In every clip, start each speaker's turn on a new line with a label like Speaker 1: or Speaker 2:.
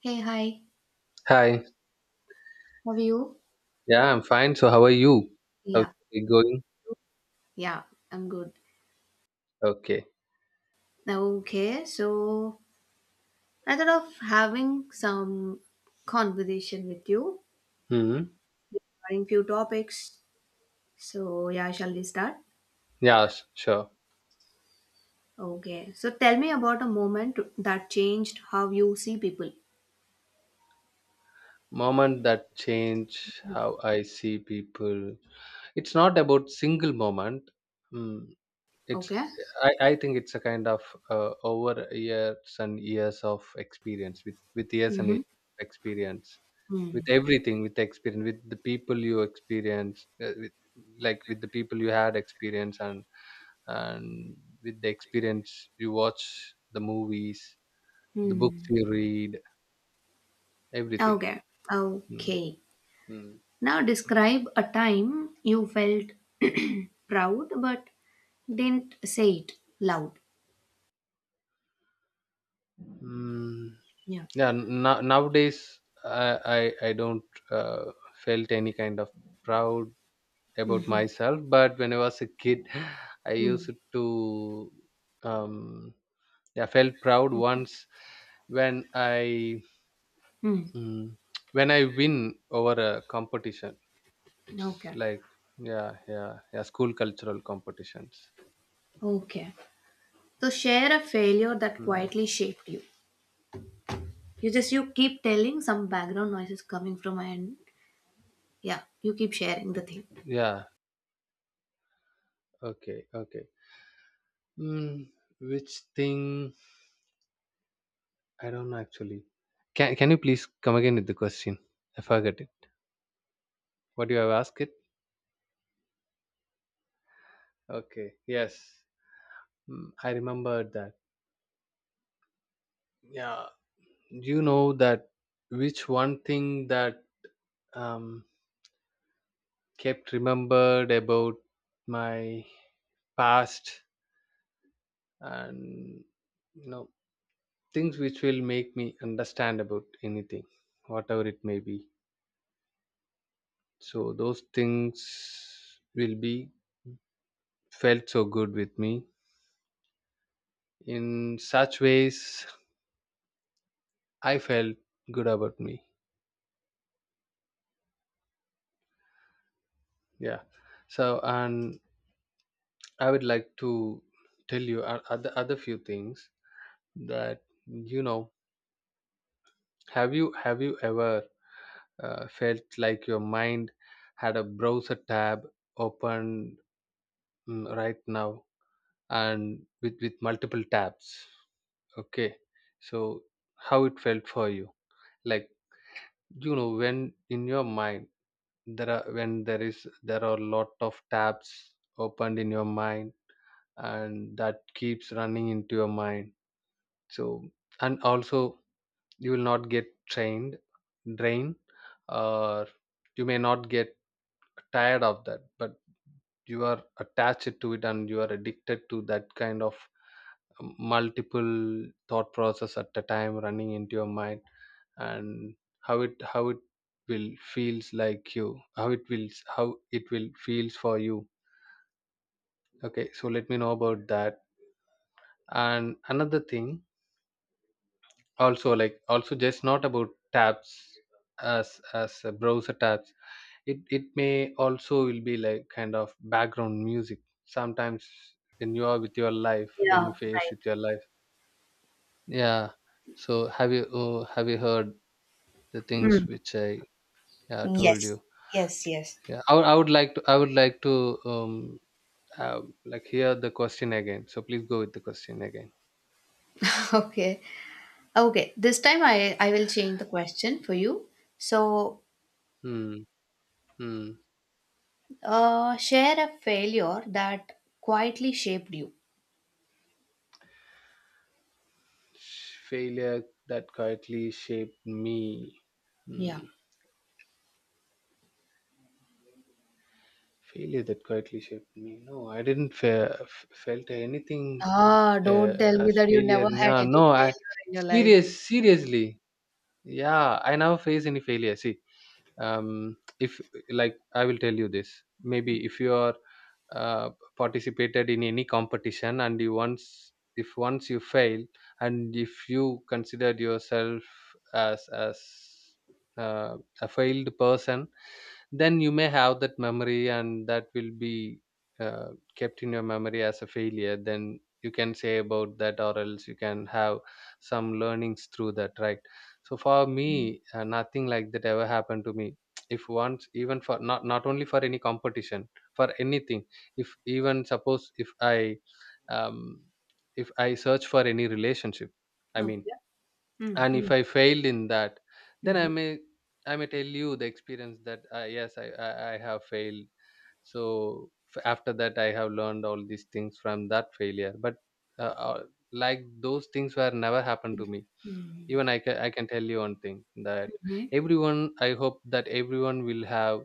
Speaker 1: Hey, hi.
Speaker 2: Hi.
Speaker 1: How are you?
Speaker 2: Yeah, I'm fine. So how are you? How's
Speaker 1: Yeah,
Speaker 2: it going?
Speaker 1: yeah, I'm good.
Speaker 2: Okay.
Speaker 1: Now, okay, so I thought of having some conversation with you
Speaker 2: Hmm.
Speaker 1: regarding few topics. So, yeah, shall we start?
Speaker 2: Yeah, sure.
Speaker 1: Okay. So, tell me about a moment that changed how you see people.
Speaker 2: Moment that change how I see people. It's not about single moment. Hmm. It's
Speaker 1: Okay.
Speaker 2: I think it's a kind of over years and years of experience with years and
Speaker 1: Mm-hmm.
Speaker 2: years of experience with everything, with experience with the people you experience with, like with the people you had experience, and with the experience you watch the movies, the books
Speaker 1: Mm-hmm.
Speaker 2: you read, everything.
Speaker 1: Okay.
Speaker 2: Mm.
Speaker 1: Okay.
Speaker 2: Mm.
Speaker 1: Now, describe a time you felt proud but didn't say it loud.
Speaker 2: Mm.
Speaker 1: Yeah.
Speaker 2: Yeah, nowadays I don't uh, felt any kind of proud about myself, but when I was a kid, I
Speaker 1: Mm-hmm.
Speaker 2: used to, um I felt proud once when i mm, when I win over a competition. It's
Speaker 1: Okay.
Speaker 2: like yeah, yeah, yeah. School cultural competitions.
Speaker 1: Okay. So share a failure that
Speaker 2: Mm,
Speaker 1: quietly shaped you. You just you keep telling some background noises coming from my end. Yeah, you keep sharing the thing.
Speaker 2: yeah. Okay. Okay. Mm, which thing? I don't know actually. Can you please come again with the question? I forgot it. What do you have asked it? Okay. Yes. I remembered that. Yeah. You know that which one thing that um kept remembered about my past, and you know things which will make me understand about anything, whatever it may be, so those things will be felt so good with me, in such ways I felt good about me. Yeah. So, and I would like to tell you other few things. That you know have you have you ever felt like your mind had a browser tab open, right now, and with multiple tabs. Okay. So how it felt for you, like when in your mind there are when there is there are a lot of tabs opened in your mind, and that keeps running into your mind. So, and also you will not get trained drained, or you may not get tired of that, but you are attached to it and you are addicted to that kind of multiple thought process at a time running into your mind, and how it will feels like you, how it will feels for you. Okay, so let me know about that. And another thing, also like also just not about tabs, as a browser tabs, it may also will be like kind of background music sometimes, when you are with your life, when
Speaker 1: Yeah,
Speaker 2: you face
Speaker 1: right.
Speaker 2: with your life. Yeah. So have you heard the
Speaker 1: Hmm.
Speaker 2: things which I, yeah, told
Speaker 1: Yes,
Speaker 2: you.
Speaker 1: yes, yes.
Speaker 2: Yeah, I would like to I would like to like hear the question again. So please go with the question again.
Speaker 1: Okay. Okay. This time I will change the question for you. So,
Speaker 2: Hmm. Hmm.
Speaker 1: share a failure that quietly shaped you.
Speaker 2: Failure that quietly shaped me. Hmm.
Speaker 1: Yeah.
Speaker 2: Failure that quietly shaped me. No, I didn't felt anything
Speaker 1: Ah, don't tell me
Speaker 2: as
Speaker 1: that you
Speaker 2: failure.
Speaker 1: never had
Speaker 2: No,
Speaker 1: any
Speaker 2: no. I
Speaker 1: failure in your life.
Speaker 2: serious seriously. Yeah, I never face any failure. See, if like I will tell you this. Maybe if you are uh, participated in any competition, and you once if once you fail, and if you considered yourself as uh, a failed person, then you may have that memory, and that will be uh, kept in your memory as a failure, then you can say about that, or else you can have some learnings through that, right? So for me, nothing like that ever happened to me. If once, even for not only for any competition, for anything, if even suppose um, if I search for any relationship, I mean,
Speaker 1: Okay.
Speaker 2: and
Speaker 1: Mm-hmm.
Speaker 2: if I failed in that, then I may tell you the experience that, yes, I have failed. So, after that I have learned all these things from that failure. But uh, uh, like those things were never happened to me. Even I can tell you one thing, that
Speaker 1: Mm-hmm.
Speaker 2: everyone, I hope that everyone will have,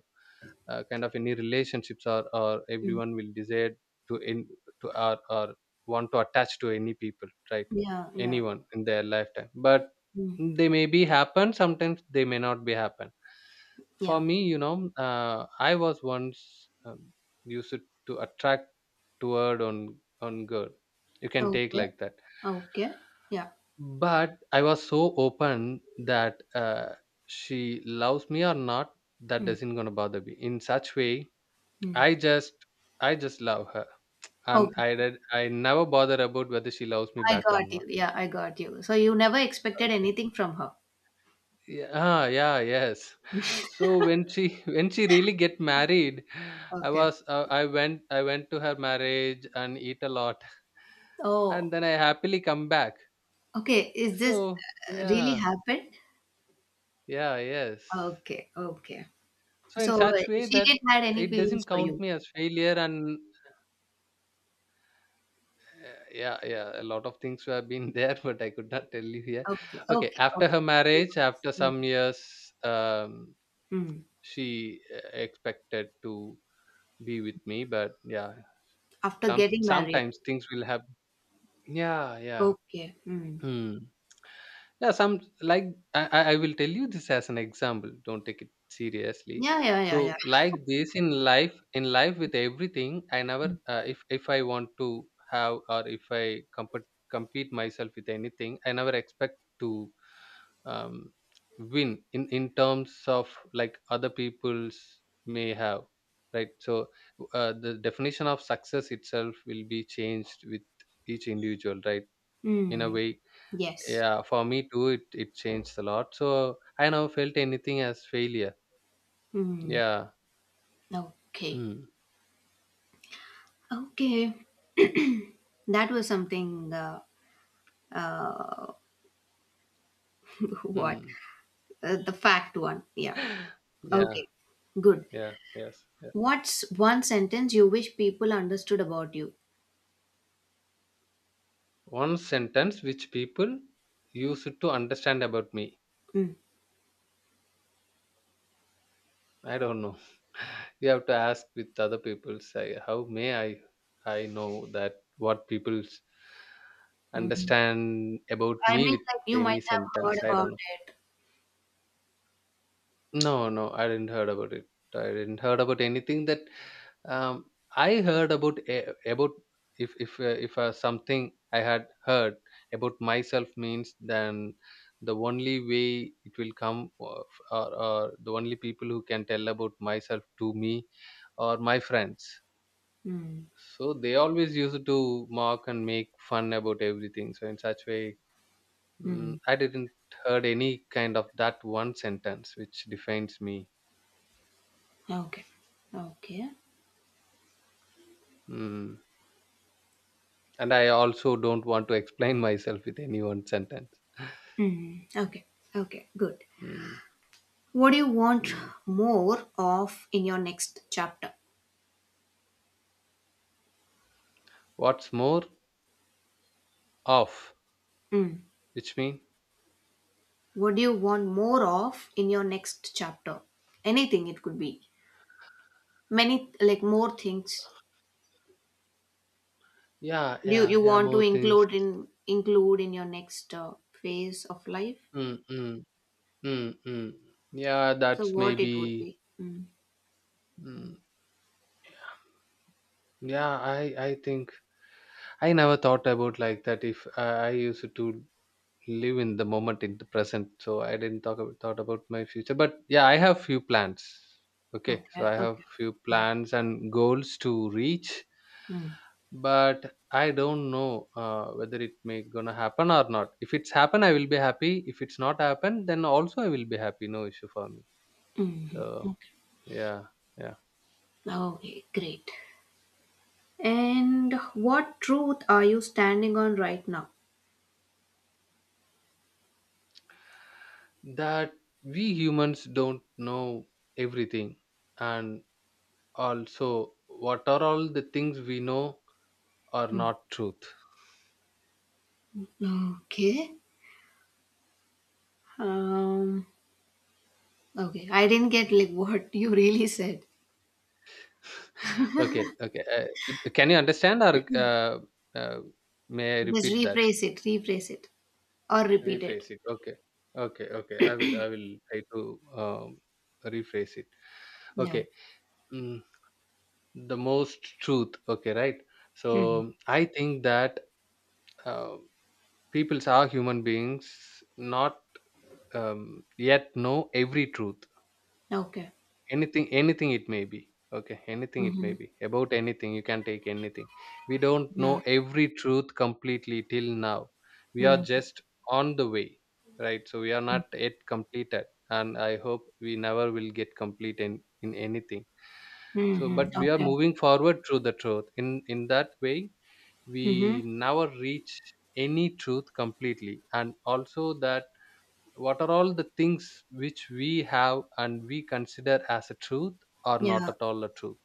Speaker 2: kind of any relationships, or
Speaker 1: Mm.
Speaker 2: everyone will desire, to in to or want to attach to any people, right?
Speaker 1: Yeah, yeah.
Speaker 2: Anyone in their lifetime, but
Speaker 1: Mm.
Speaker 2: they may be happen sometimes, they may not be happen. For
Speaker 1: Yeah.
Speaker 2: me, I was once, used to attract toward on girl, you can take
Speaker 1: Okay.
Speaker 2: like that.
Speaker 1: Okay. Yeah.
Speaker 2: But I was so open that, she loves me or not, that
Speaker 1: Mm.
Speaker 2: doesn't gonna bother me in such way.
Speaker 1: Mm.
Speaker 2: I just I just love her. And
Speaker 1: Okay.
Speaker 2: I never bother about whether she loves me
Speaker 1: I
Speaker 2: back or
Speaker 1: got
Speaker 2: not.
Speaker 1: you. Yeah, I got you. So you never expected
Speaker 2: Okay.
Speaker 1: anything from her.
Speaker 2: Yeah, yeah, yes. So when she when she really get married,
Speaker 1: Okay.
Speaker 2: I went to her marriage and eat a lot, and
Speaker 1: Oh,
Speaker 2: then I happily come back.
Speaker 1: okay. Is this
Speaker 2: So
Speaker 1: really
Speaker 2: yeah,
Speaker 1: happened?
Speaker 2: yeah, yes.
Speaker 1: Okay. Okay.
Speaker 2: So in
Speaker 1: So
Speaker 2: such way
Speaker 1: she
Speaker 2: that
Speaker 1: didn't had any
Speaker 2: it doesn't
Speaker 1: feelings for you.
Speaker 2: count me as failure. And yeah, yeah, a lot of things have been there, but I could not tell you here.
Speaker 1: Okay.
Speaker 2: Okay,
Speaker 1: Okay.
Speaker 2: after her
Speaker 1: Okay. No
Speaker 2: marriage,
Speaker 1: worries.
Speaker 2: after
Speaker 1: Mm.
Speaker 2: some years,
Speaker 1: Mm.
Speaker 2: she expected to be with me, but yeah,
Speaker 1: After getting married.
Speaker 2: sometimes things will happen. Yeah, yeah.
Speaker 1: Okay. Mm.
Speaker 2: Hmm. Yeah, some, like I will tell you this as an example. Don't take it seriously.
Speaker 1: Yeah. Yeah. Yeah. Yeah.
Speaker 2: So like this, in life, with everything, I never,
Speaker 1: Mm.
Speaker 2: if I want to have, or if I compete myself with anything, I never expect to, um, win in terms of like other people's may have, right? So the definition of success itself will be changed with each individual, right? In a
Speaker 1: Mm.
Speaker 2: way,
Speaker 1: Yes.
Speaker 2: yeah, for me too, it changed a lot. So I never felt anything as failure.
Speaker 1: Hmm.
Speaker 2: Yeah.
Speaker 1: Okay.
Speaker 2: Mm.
Speaker 1: Okay, that was something. Uh, what
Speaker 2: Mm.
Speaker 1: the fact one? Yeah.
Speaker 2: Yeah.
Speaker 1: Okay, good.
Speaker 2: Yeah. Yes. Yeah.
Speaker 1: What's one sentence you wish people understood about you?
Speaker 2: One sentence which people use it to understand about me.
Speaker 1: Mm.
Speaker 2: I don't know. You have to ask with other people. Say, how may I know that what people
Speaker 1: Mhm.
Speaker 2: understand about
Speaker 1: I
Speaker 2: me
Speaker 1: mean,
Speaker 2: with
Speaker 1: like you might
Speaker 2: any
Speaker 1: have heard
Speaker 2: sentence? I
Speaker 1: about
Speaker 2: don't know.
Speaker 1: it.
Speaker 2: No, no, I didn't heard about it. I didn't heard about anything that, um, I heard about about, if something I had heard about myself means, then the only way it will come, or the only people who can tell about myself to me are my friends.
Speaker 1: Mm.
Speaker 2: So they always used to mock and make fun about everything. So in such way,
Speaker 1: Mm.
Speaker 2: I didn't heard any kind of that one sentence which defines me.
Speaker 1: Okay. Okay.
Speaker 2: Mm. And I also don't want to explain myself with any one sentence.
Speaker 1: Mm. Okay. Okay. Good.
Speaker 2: Mm,
Speaker 1: What do you want
Speaker 2: mm.
Speaker 1: more of in your next chapter?
Speaker 2: What's more of,
Speaker 1: Mm.
Speaker 2: which mean?
Speaker 1: What do you want more of in your next chapter? Anything it could be. Many like more things
Speaker 2: Yeah,
Speaker 1: you
Speaker 2: yeah,
Speaker 1: you
Speaker 2: yeah,
Speaker 1: want to
Speaker 2: more things.
Speaker 1: include in your next phase of life.
Speaker 2: Mm, mm, mm, mm. Yeah,
Speaker 1: So
Speaker 2: that's
Speaker 1: what it would
Speaker 2: maybe.
Speaker 1: be? Mm.
Speaker 2: Mm, yeah, I think I never thought about like that. If I used to live in the moment, in the present, so I didn't thought about my future. But yeah, I have few plans. Okay, so
Speaker 1: Okay,
Speaker 2: I have
Speaker 1: okay.
Speaker 2: few plans and goals to reach.
Speaker 1: Mm.
Speaker 2: But I don't know, whether it may gonna happen or not. If it's happen, I will be happy. If it's not happen, then also I will be happy. No issue for me.
Speaker 1: Hmm. Mm-hmm.
Speaker 2: So
Speaker 1: Okay.
Speaker 2: yeah, yeah.
Speaker 1: Okay, great. And what truth are you standing on right now?
Speaker 2: That we humans don't know everything, and also what are all the things we know are
Speaker 1: Mm.
Speaker 2: not truth.
Speaker 1: Okay. Um, okay. I didn't get like what you really said.
Speaker 2: okay, okay. Can you understand, or uh, may I
Speaker 1: Just
Speaker 2: repeat that?
Speaker 1: rephrase it, or repeat it.
Speaker 2: Rephrase it. Okay. Okay. Okay. I will. I will try to, rephrase it.
Speaker 1: Yeah.
Speaker 2: Okay. Mm, the most truth. Okay. Right.
Speaker 1: Mhm.
Speaker 2: So I think that, uh, people are human beings, not yet know every truth.
Speaker 1: Okay.
Speaker 2: Anything, anything it may be. Okay, anything it
Speaker 1: Hmm.
Speaker 2: may be. About anything, you can take anything. We don't
Speaker 1: Yeah.
Speaker 2: know every truth completely till now. We are
Speaker 1: Hmm.
Speaker 2: just on the way, right? So we are not yet completed. And I hope we never will get complete in, anything. So,
Speaker 1: Mhm.
Speaker 2: but we are
Speaker 1: Okay.
Speaker 2: moving forward through the truth. In that way,
Speaker 1: Mhm.
Speaker 2: we never reach any truth completely. And also that what are all the things which we have and we consider as a truth, or not
Speaker 1: Yeah.
Speaker 2: at all a truth.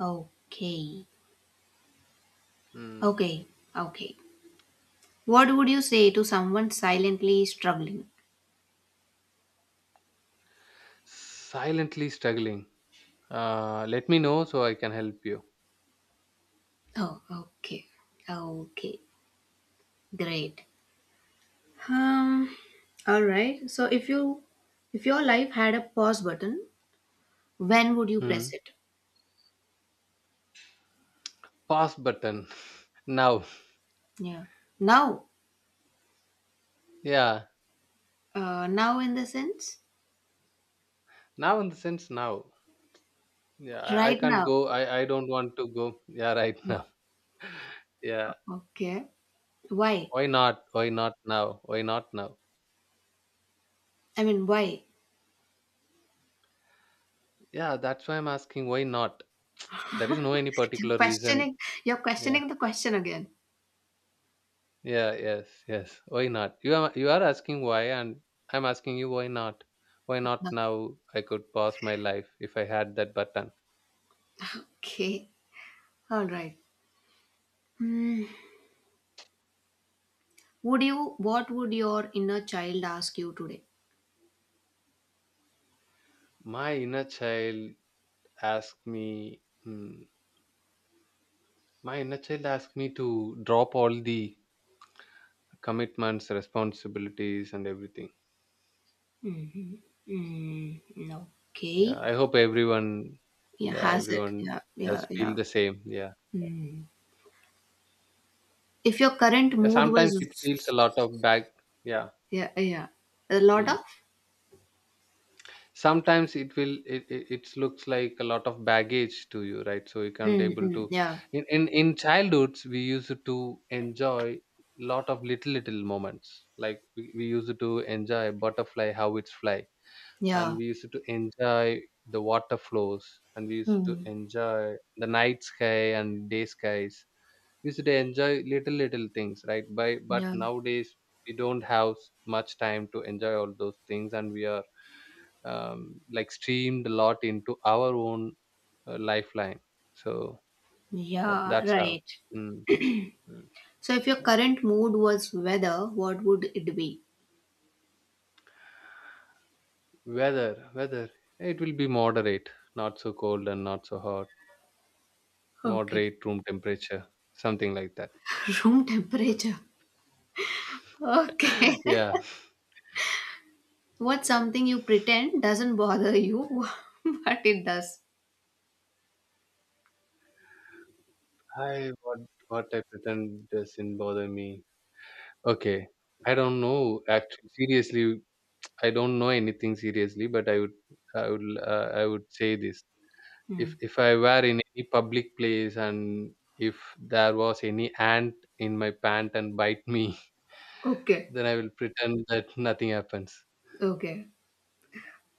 Speaker 1: Okay.
Speaker 2: Hmm.
Speaker 1: Okay. Okay. What would you say to someone silently struggling?
Speaker 2: Silently struggling, let me know so I can help you.
Speaker 1: Oh, okay. Okay. Great. Um, all right. So if your life had a pause button, when would you
Speaker 2: Hmm.
Speaker 1: press it?
Speaker 2: Pause button. Now.
Speaker 1: Yeah. Now.
Speaker 2: Yeah.
Speaker 1: Now in the sense?
Speaker 2: Now, in the sense, now. Yeah, I
Speaker 1: Right
Speaker 2: can't
Speaker 1: now.
Speaker 2: go, I don't want to go. Yeah, right, now. Yeah,
Speaker 1: Okay. Why?
Speaker 2: why not? Why not now? Why not now?
Speaker 1: I mean, why?
Speaker 2: Yeah, that's why I'm asking, why not? There is no any
Speaker 1: You're
Speaker 2: particular reason.
Speaker 1: questioning you're
Speaker 2: Yeah.
Speaker 1: questioning the question again.
Speaker 2: Yeah, yes, yes. Why not? You are asking why, and I'm asking you, why not? Why not now? I could pause my life if I had that button.
Speaker 1: Okay. All right. Would you? What would your inner child ask you today?
Speaker 2: My inner child asked me. mm, asked me to drop all the commitments, responsibilities, and everything.
Speaker 1: Mm,
Speaker 2: Yeah,
Speaker 1: okay.
Speaker 2: I hope everyone.
Speaker 1: Yeah,
Speaker 2: Yeah,
Speaker 1: has it?
Speaker 2: everyone
Speaker 1: Yeah, yeah,
Speaker 2: does feel
Speaker 1: yeah.
Speaker 2: the same. Yeah.
Speaker 1: Mm. If your current
Speaker 2: Yeah,
Speaker 1: mood
Speaker 2: sometimes it
Speaker 1: was,
Speaker 2: feels a lot of back. Yeah.
Speaker 1: yeah, yeah, a lot
Speaker 2: mm.
Speaker 1: of,
Speaker 2: Sometimes it will it, it, it looks like a lot of baggage to you, right, so you can't
Speaker 1: mm,
Speaker 2: able
Speaker 1: mm,
Speaker 2: to
Speaker 1: yeah,
Speaker 2: in childhoods we used to enjoy lot of little moments, like we used to enjoy butterfly how it's fly, and
Speaker 1: yeah,
Speaker 2: we used to enjoy the water flows, and we used to
Speaker 1: mm,
Speaker 2: enjoy the night sky and day skies, we used to enjoy little things, right by, but
Speaker 1: yeah.
Speaker 2: nowadays we don't have much time to enjoy all those things, and we are like streamed a lot into our own lifeline, so yeah,
Speaker 1: Yeah,
Speaker 2: that's how
Speaker 1: right.
Speaker 2: mm, mm.
Speaker 1: So, if your current mood was weather, what would it be?
Speaker 2: Weather, it will be moderate, not so cold and not so hot,
Speaker 1: Okay.
Speaker 2: moderate room temperature, something like that.
Speaker 1: Room temperature. Okay.
Speaker 2: Yeah.
Speaker 1: What's something you pretend doesn't bother you, but it does?
Speaker 2: I what what I pretend doesn't bother me. Okay. I don't know, actually, seriously. I don't know anything, seriously, but i would I would say this.
Speaker 1: Hmm.
Speaker 2: If I were in any public place, and if there was any ant in my pant and bite me,
Speaker 1: Okay,
Speaker 2: then I will pretend that nothing happens.
Speaker 1: okay,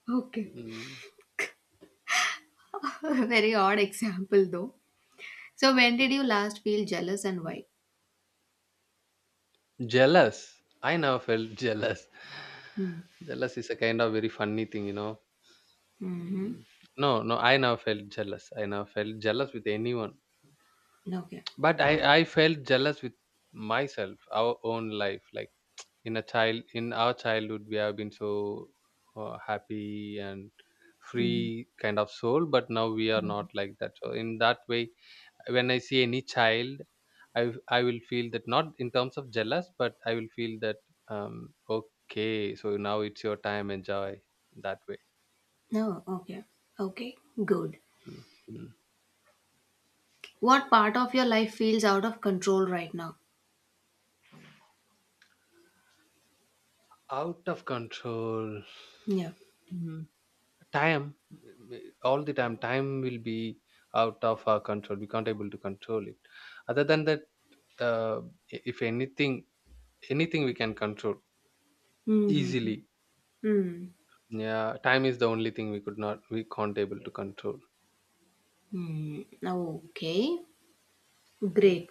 Speaker 1: okay.
Speaker 2: Mm.
Speaker 1: Very odd example though. So when did you last feel jealous and why?
Speaker 2: Jealous. I never felt jealous.
Speaker 1: Hmm.
Speaker 2: Jealous is a kind of very funny thing.
Speaker 1: Mm-hmm.
Speaker 2: Mm. No, no, I never felt jealous. I never felt jealous with anyone.
Speaker 1: Okay.
Speaker 2: But I felt jealous with myself, our own life. Like in a child, in our childhood we have been so happy and
Speaker 1: Mm.
Speaker 2: free kind of soul, but now we are not like that, so in that way, when I see any child, i I will feel that, not in terms of jealous, but I will feel that, um okay, so now it's your time, enjoy, that way.
Speaker 1: No, okay. Okay, good.
Speaker 2: Mm, mm.
Speaker 1: What part of your life feels out of control right now?
Speaker 2: Out of control.
Speaker 1: Yeah.
Speaker 2: Mm. Time. All the time will be out of our control, we can't able to control it, other than that. Uh, if anything, we can control
Speaker 1: Mm-hmm.
Speaker 2: easily.
Speaker 1: Mm.
Speaker 2: Yeah, time is the only thing we could not, we can't able to control.
Speaker 1: Mm. Okay,
Speaker 2: Mm.
Speaker 1: great.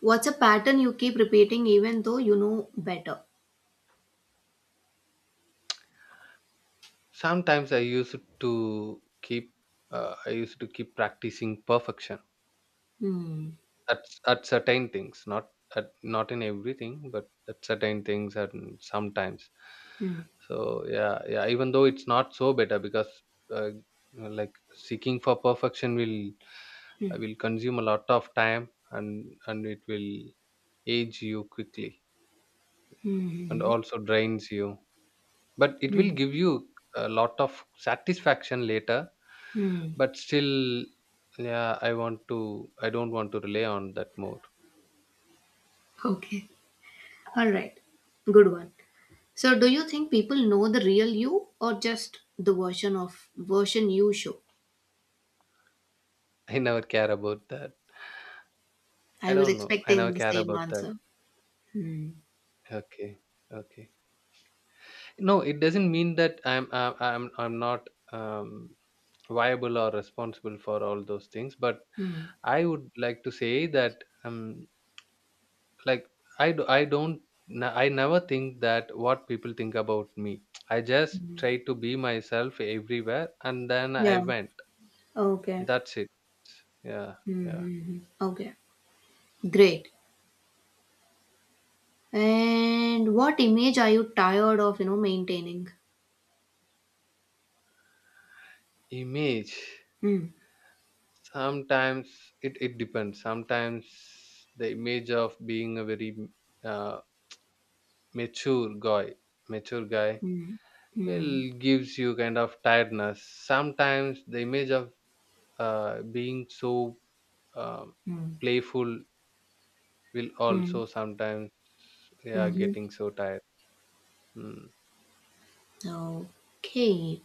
Speaker 1: What's a pattern you keep repeating even though you know better?
Speaker 2: Sometimes I used to keep practicing perfection,
Speaker 1: Hmm.
Speaker 2: at at certain things, not in everything, but at certain things and sometimes.
Speaker 1: Hmm.
Speaker 2: So yeah, yeah. Even though it's not so better, because uh, like, seeking for perfection will
Speaker 1: Hmm.
Speaker 2: will consume a lot of time, and it will age you quickly, and
Speaker 1: Hmm.
Speaker 2: also drains you, but it
Speaker 1: Hmm.
Speaker 2: will
Speaker 1: Hmm.
Speaker 2: give you a lot of satisfaction later,
Speaker 1: Hmm.
Speaker 2: but still, yeah, I don't want to rely on that more.
Speaker 1: Okay. All right, good one. So, do you think people know the real you or just the version of version you show?
Speaker 2: I never care about that. I
Speaker 1: I was
Speaker 2: don't know, I never
Speaker 1: expecting the
Speaker 2: care
Speaker 1: same
Speaker 2: about that.
Speaker 1: answer. Hmm.
Speaker 2: Okay. Okay. No, it doesn't mean that I'm not viable or responsible for all those things, but
Speaker 1: Hmm.
Speaker 2: I would like to say that, um, like, I do I don't n- I never think that what people think about me. I just try to be myself everywhere, and then I
Speaker 1: Yeah.
Speaker 2: went.
Speaker 1: Okay.
Speaker 2: That's it. Yeah, yeah.
Speaker 1: Mm-hmm. Okay. Great. And what image are you tired of? Maintaining.
Speaker 2: Image.
Speaker 1: Hmm.
Speaker 2: Sometimes it depends. Sometimes the image of being a very uh, mature guy mature guy
Speaker 1: Hmm.
Speaker 2: will
Speaker 1: Hmm.
Speaker 2: gives you kind of tiredness. Sometimes the image of being so um
Speaker 1: Hmm.
Speaker 2: playful will also
Speaker 1: Hmm.
Speaker 2: sometimes, yeah,
Speaker 1: Hmm.
Speaker 2: getting so tired. Hmm.
Speaker 1: Okay.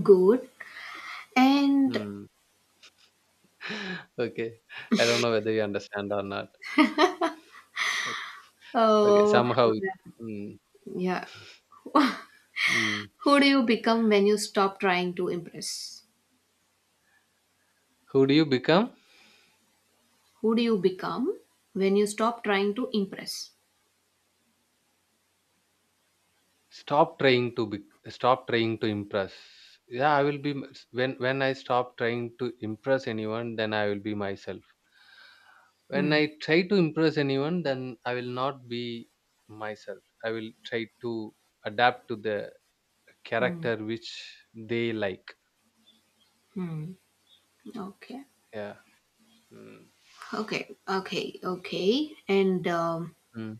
Speaker 1: Good. And
Speaker 2: Hmm. Okay. I don't know whether you understand or not. Okay,
Speaker 1: oh,
Speaker 2: somehow. Mm,
Speaker 1: yeah.
Speaker 2: mm.
Speaker 1: Who do you become when you stop trying to impress?
Speaker 2: Who do you become?
Speaker 1: Who do you become when you stop trying to impress?
Speaker 2: stop trying to be Stop trying to impress. Yeah, I will be m- s- when I stop trying to impress anyone, then I will be myself. When
Speaker 1: Hmm.
Speaker 2: I try to impress anyone, then I will not be myself, I will try to adapt to the
Speaker 1: Hmm.
Speaker 2: character which they like.
Speaker 1: Hmm. Okay.
Speaker 2: Yeah. Mm.
Speaker 1: Okay. Okay. Okay. And
Speaker 2: Mm,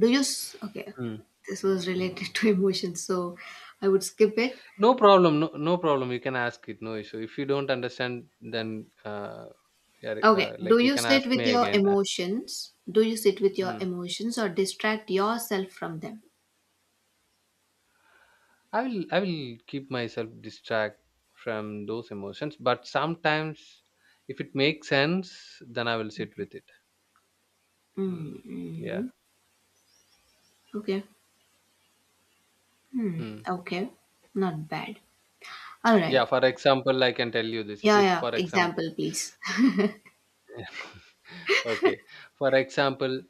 Speaker 1: do you? Okay.
Speaker 2: mm.
Speaker 1: This was related to emotions, so I would skip it.
Speaker 2: No problem. No, no problem. You can ask it. No issue. If you don't understand, then, yeah,
Speaker 1: Okay. Do
Speaker 2: like, you
Speaker 1: you
Speaker 2: can ask
Speaker 1: sit with
Speaker 2: me
Speaker 1: your
Speaker 2: again.
Speaker 1: emotions? Do you sit with your
Speaker 2: Mm.
Speaker 1: emotions or distract yourself from them?
Speaker 2: I will keep myself distract from those emotions. But sometimes, if it makes sense, then I will sit with it. Mm. Yeah.
Speaker 1: Mm-hmm. Okay. Hmm.
Speaker 2: Mm.
Speaker 1: Okay. Not bad. All
Speaker 2: Yeah.
Speaker 1: right.
Speaker 2: For example, I can tell you this.
Speaker 1: Yeah,
Speaker 2: If,
Speaker 1: yeah.
Speaker 2: for example,
Speaker 1: Example, please.
Speaker 2: okay. For example,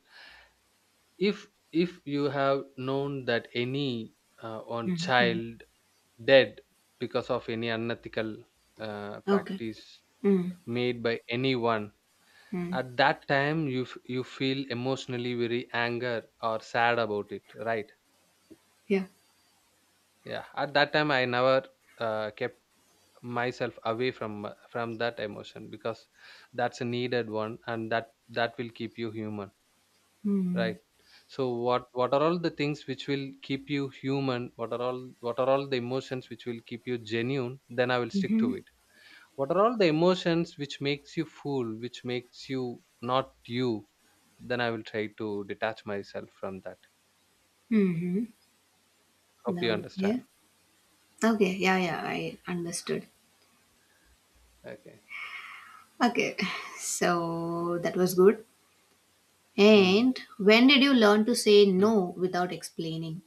Speaker 2: if if you have known that any on
Speaker 1: Mm, mm.
Speaker 2: child dead because of any unethical
Speaker 1: Okay.
Speaker 2: practice
Speaker 1: Mm,
Speaker 2: made by anyone,
Speaker 1: mm.
Speaker 2: at that time you feel emotionally very anger or sad about it, right?
Speaker 1: Yeah.
Speaker 2: Yeah, at that time I never kept myself away from from that emotion, because that's a needed one, and that that will keep you human.
Speaker 1: Mm.
Speaker 2: Right. So what are all the things which will keep you human? What are all the emotions which will keep you genuine? Then I will stick to it. What are all the emotions which makes you fool, which makes you not you? Then I will try to detach myself from that.
Speaker 1: Mm-hmm.
Speaker 2: Hope you
Speaker 1: No. Yeah.
Speaker 2: understand.
Speaker 1: Okay. Yeah, yeah. I understood.
Speaker 2: Okay.
Speaker 1: Okay. So that was good.
Speaker 2: Hmm.
Speaker 1: And when did you learn to say
Speaker 2: Hmm.
Speaker 1: no without explaining?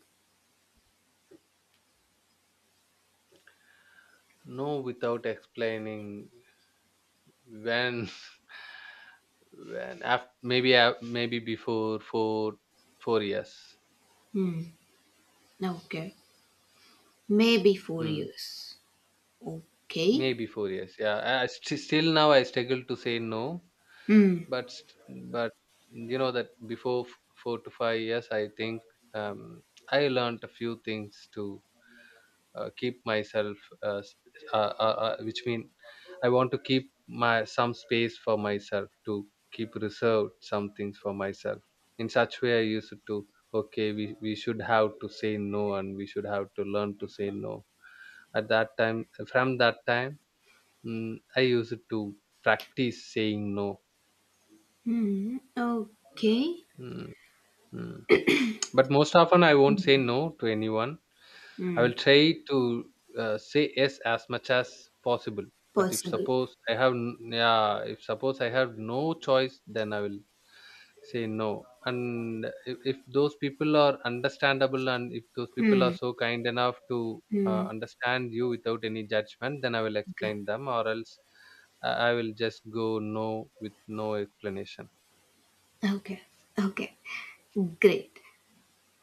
Speaker 2: No, without explaining, when when after, maybe before four years.
Speaker 1: Hmm. Okay. Maybe four
Speaker 2: Hmm.
Speaker 1: years. Okay.
Speaker 2: Maybe 4 years. Yeah, I still now I struggle to say no,
Speaker 1: Hmm.
Speaker 2: but but, you know that before 4 to 5 years, I think, um, I learned a few things to keep myself uh, sp- uh, which mean I want to keep my some space for myself, to keep reserved some things for myself. In such way I used to okay, we should have to say no, and we should have to learn to say no. At that time From that time, I used to practice saying no.
Speaker 1: Hmm. Okay.
Speaker 2: Mm, mm. But most often, I won't say
Speaker 1: Hmm.
Speaker 2: no to anyone. I
Speaker 1: Hmm.
Speaker 2: will try to say yes as much as possible. But if
Speaker 1: Possible.
Speaker 2: suppose I have n- yeah, if suppose I have no choice, then I will say no. And if those people are understandable, and if those people are
Speaker 1: Hmm.
Speaker 2: so kind enough to
Speaker 1: Hmm.
Speaker 2: understand you without any judgment, then I will
Speaker 1: Okay.
Speaker 2: explain them, or else I will just go no with no explanation.
Speaker 1: Okay. Okay. Great.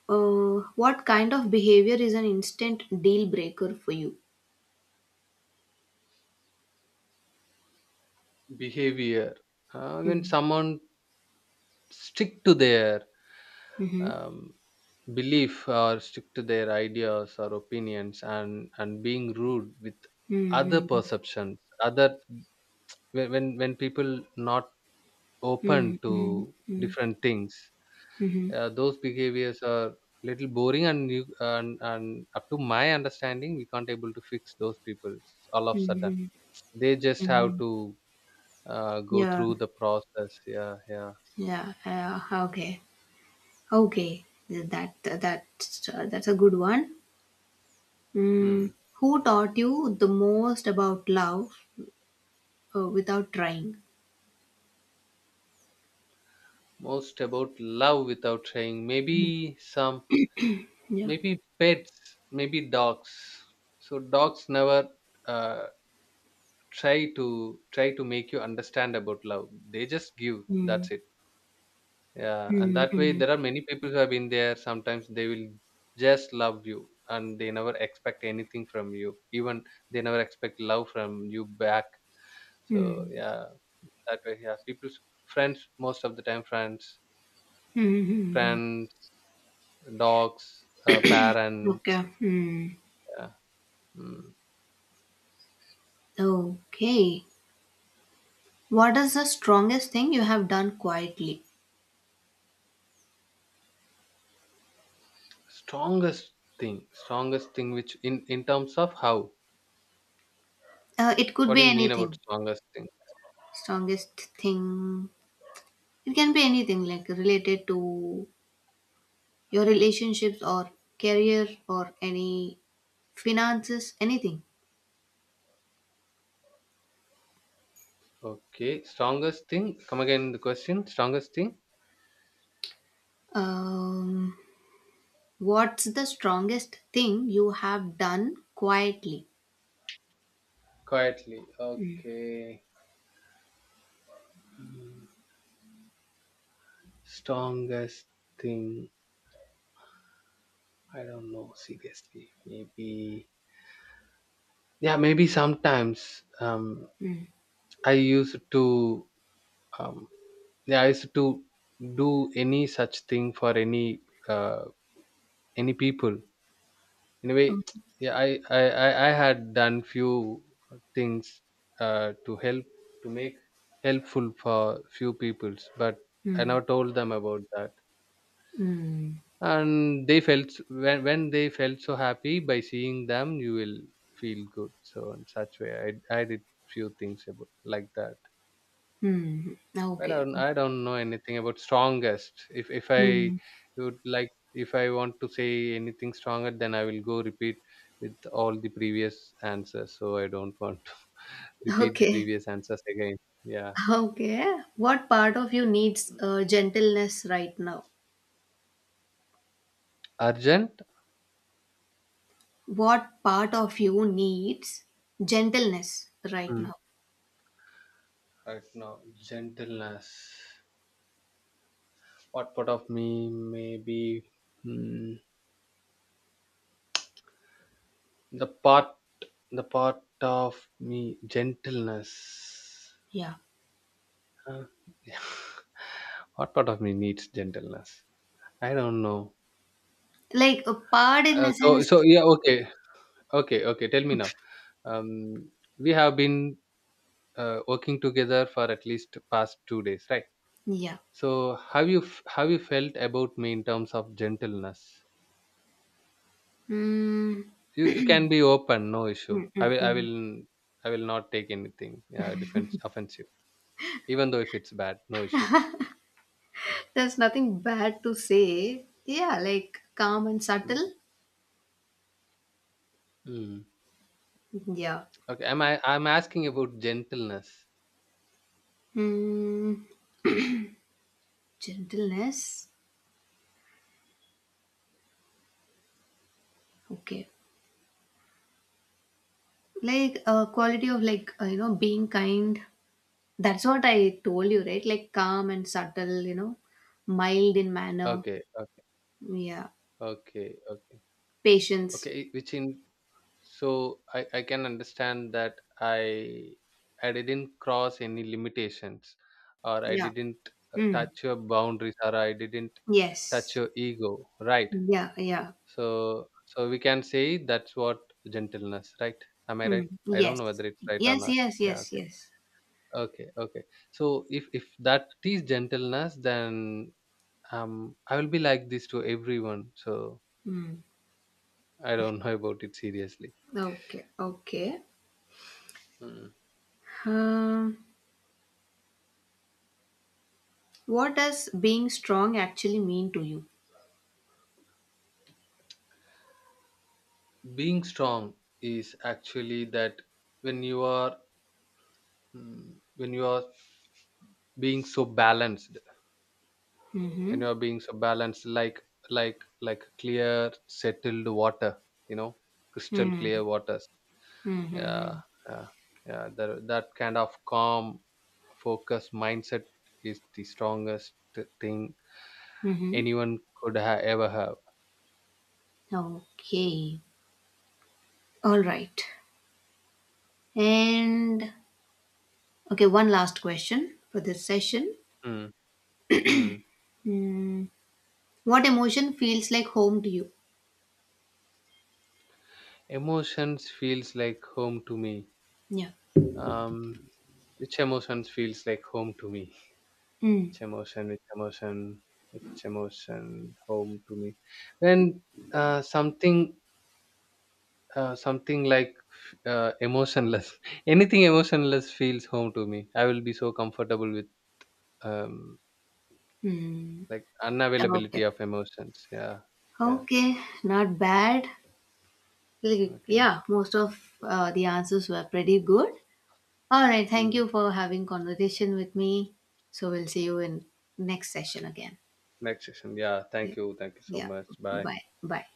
Speaker 1: What kind of behavior is an instant deal breaker for you?
Speaker 2: Behavior. When
Speaker 1: Mm.
Speaker 2: someone stick to their
Speaker 1: Mm-hmm.
Speaker 2: um, belief, or stick to their ideas or opinions, and being rude with other
Speaker 1: Mm-hmm.
Speaker 2: perceptions, other when people not open
Speaker 1: Mm-hmm.
Speaker 2: to
Speaker 1: Mm-hmm.
Speaker 2: different things,
Speaker 1: Mm-hmm.
Speaker 2: those behaviors are little boring, and and up to my understanding we can't able to fix those people all of sudden,
Speaker 1: Mm-hmm.
Speaker 2: they just have
Speaker 1: Mm-hmm.
Speaker 2: to go
Speaker 1: Yeah.
Speaker 2: through the process. Yeah, yeah.
Speaker 1: Yeah. Okay. Okay. That. That's a good one. Mm.
Speaker 2: Hmm.
Speaker 1: Who taught you the most about love without trying?
Speaker 2: Most about love without saying.
Speaker 1: Yeah.
Speaker 2: Maybe pets, maybe dogs. So dogs never uh, try to make you understand about love. They just give.
Speaker 1: Mm.
Speaker 2: That's it. Yeah, and that way
Speaker 1: Mm-hmm.
Speaker 2: there are many people who have been there. Sometimes they will just love you, and they never expect anything from you. Even they never expect love from you back. So
Speaker 1: Mm-hmm.
Speaker 2: yeah, that way, yeah, people's friends, most of the time friends
Speaker 1: Mm-hmm.
Speaker 2: friends dogs, parents.
Speaker 1: Okay. Mm.
Speaker 2: Yeah. Mm.
Speaker 1: Okay. What is the strongest thing you have done quietly?
Speaker 2: Strongest strongest thing, which in terms of how?
Speaker 1: It could
Speaker 2: What
Speaker 1: be
Speaker 2: do you mean about
Speaker 1: anything.
Speaker 2: strongest thing?
Speaker 1: Strongest thing. It can be anything like related to your relationships or career or any finances, anything.
Speaker 2: Okay, strongest thing. Come again the question. Strongest thing.
Speaker 1: Um, what's the strongest thing you have done quietly?
Speaker 2: Quietly. Okay. Mm. Strongest thing. I don't know, seriously, maybe. Yeah, maybe sometimes.
Speaker 1: Hmm.
Speaker 2: I used to. Um, yeah, I used to do any such thing for uh, any people, anyway, yeah, I had done few things to help, to make helpful for few peoples, but I
Speaker 1: Hmm.
Speaker 2: never told them about that,
Speaker 1: Hmm.
Speaker 2: and they felt, when they felt so happy, by seeing them you will feel good, so in such way, I did few things about, like that.
Speaker 1: Hmm.
Speaker 2: I
Speaker 1: Okay.
Speaker 2: don't I don't know anything about strongest. If if I
Speaker 1: Hmm.
Speaker 2: would like if I want to say anything stronger, then I will go repeat with all the previous answers. So I don't want to repeat the
Speaker 1: Okay.
Speaker 2: previous answers again. Yeah.
Speaker 1: Okay. What part of you needs gentleness right now?
Speaker 2: Urgent?
Speaker 1: What part of you needs gentleness right
Speaker 2: Mm.
Speaker 1: now?
Speaker 2: Right now. Gentleness. What part of me, maybe, mm, the part of me, gentleness.
Speaker 1: Yeah,
Speaker 2: Uh, what part of me needs gentleness? I don't know.
Speaker 1: like a part in
Speaker 2: Uh,
Speaker 1: the
Speaker 2: so
Speaker 1: sense.
Speaker 2: so yeah, okay, okay, okay, tell me now. um we have been working together for at least past 2 days, right?
Speaker 1: Yeah.
Speaker 2: So have you have you felt about me in terms of gentleness?
Speaker 1: Mm,
Speaker 2: You can be open, no issue,
Speaker 1: mm,
Speaker 2: i
Speaker 1: mm,
Speaker 2: will i
Speaker 1: mm.
Speaker 2: will i will not take anything defense, offensive. Even though if it's bad, no issue.
Speaker 1: There's nothing bad to say. Yeah, like calm and
Speaker 2: Mm.
Speaker 1: subtle.
Speaker 2: Mm.
Speaker 1: Yeah.
Speaker 2: Okay, am I I'm asking about gentleness.
Speaker 1: Mm, gentleness. Okay, like a quality of, like, being kind. That's what I told you, right? Like, calm and subtle, mild in manner.
Speaker 2: Okay, okay,
Speaker 1: Yeah,
Speaker 2: okay, okay,
Speaker 1: patience.
Speaker 2: okay, which in, so I can understand that I didn't cross any limitations, or I
Speaker 1: Yeah.
Speaker 2: didn't
Speaker 1: Mm.
Speaker 2: touch your boundaries, or I didn't touch
Speaker 1: Yes.
Speaker 2: your ego, right?
Speaker 1: Yeah, yeah.
Speaker 2: So we can say that's what gentleness, right? Am I right?
Speaker 1: Mm.
Speaker 2: I don't know
Speaker 1: Yes.
Speaker 2: whether it's right or
Speaker 1: Yes,
Speaker 2: not.
Speaker 1: yes,
Speaker 2: Yeah,
Speaker 1: yes,
Speaker 2: okay,
Speaker 1: yes.
Speaker 2: okay, okay. So if that is gentleness, then, I will be like this to everyone, so
Speaker 1: Mm.
Speaker 2: I don't know about it, seriously.
Speaker 1: Okay, okay. Um, what does being strong actually mean to you?
Speaker 2: Being strong is actually that, when you are, when you are being so balanced. When you
Speaker 1: Mm-hmm.
Speaker 2: are being so balanced, like like clear settled water, you know crystal
Speaker 1: Mm-hmm.
Speaker 2: clear waters. Yeah,
Speaker 1: Mm-hmm.
Speaker 2: yeah, yeah, that kind of calm, focus mindset is the strongest thing
Speaker 1: Mm-hmm.
Speaker 2: anyone could ever have.
Speaker 1: Okay. All right. And okay, one last question for this session.
Speaker 2: Mm, mm.
Speaker 1: Mm. What emotion feels like home to you?
Speaker 2: Emotions feels like home to me.
Speaker 1: Yeah.
Speaker 2: um Which emotion feels like home to me?
Speaker 1: Mm.
Speaker 2: Which emotion? Which emotion? Which emotion home to me? And something, something like emotionless. Anything emotionless feels home to me. I will be so comfortable with um,
Speaker 1: Mm.
Speaker 2: like,
Speaker 1: Okay.
Speaker 2: unavailability of emotions. Yeah, yeah.
Speaker 1: Okay. Not bad. Like,
Speaker 2: Okay.
Speaker 1: yeah, most of the answers were pretty good. All right, thank
Speaker 2: Mm.
Speaker 1: you for having conversation with me. So we'll see you in next session again.
Speaker 2: Next session. Yeah.
Speaker 1: Yeah,
Speaker 2: Thank you. Thank you so
Speaker 1: yeah.
Speaker 2: much. Bye.
Speaker 1: Bye, bye.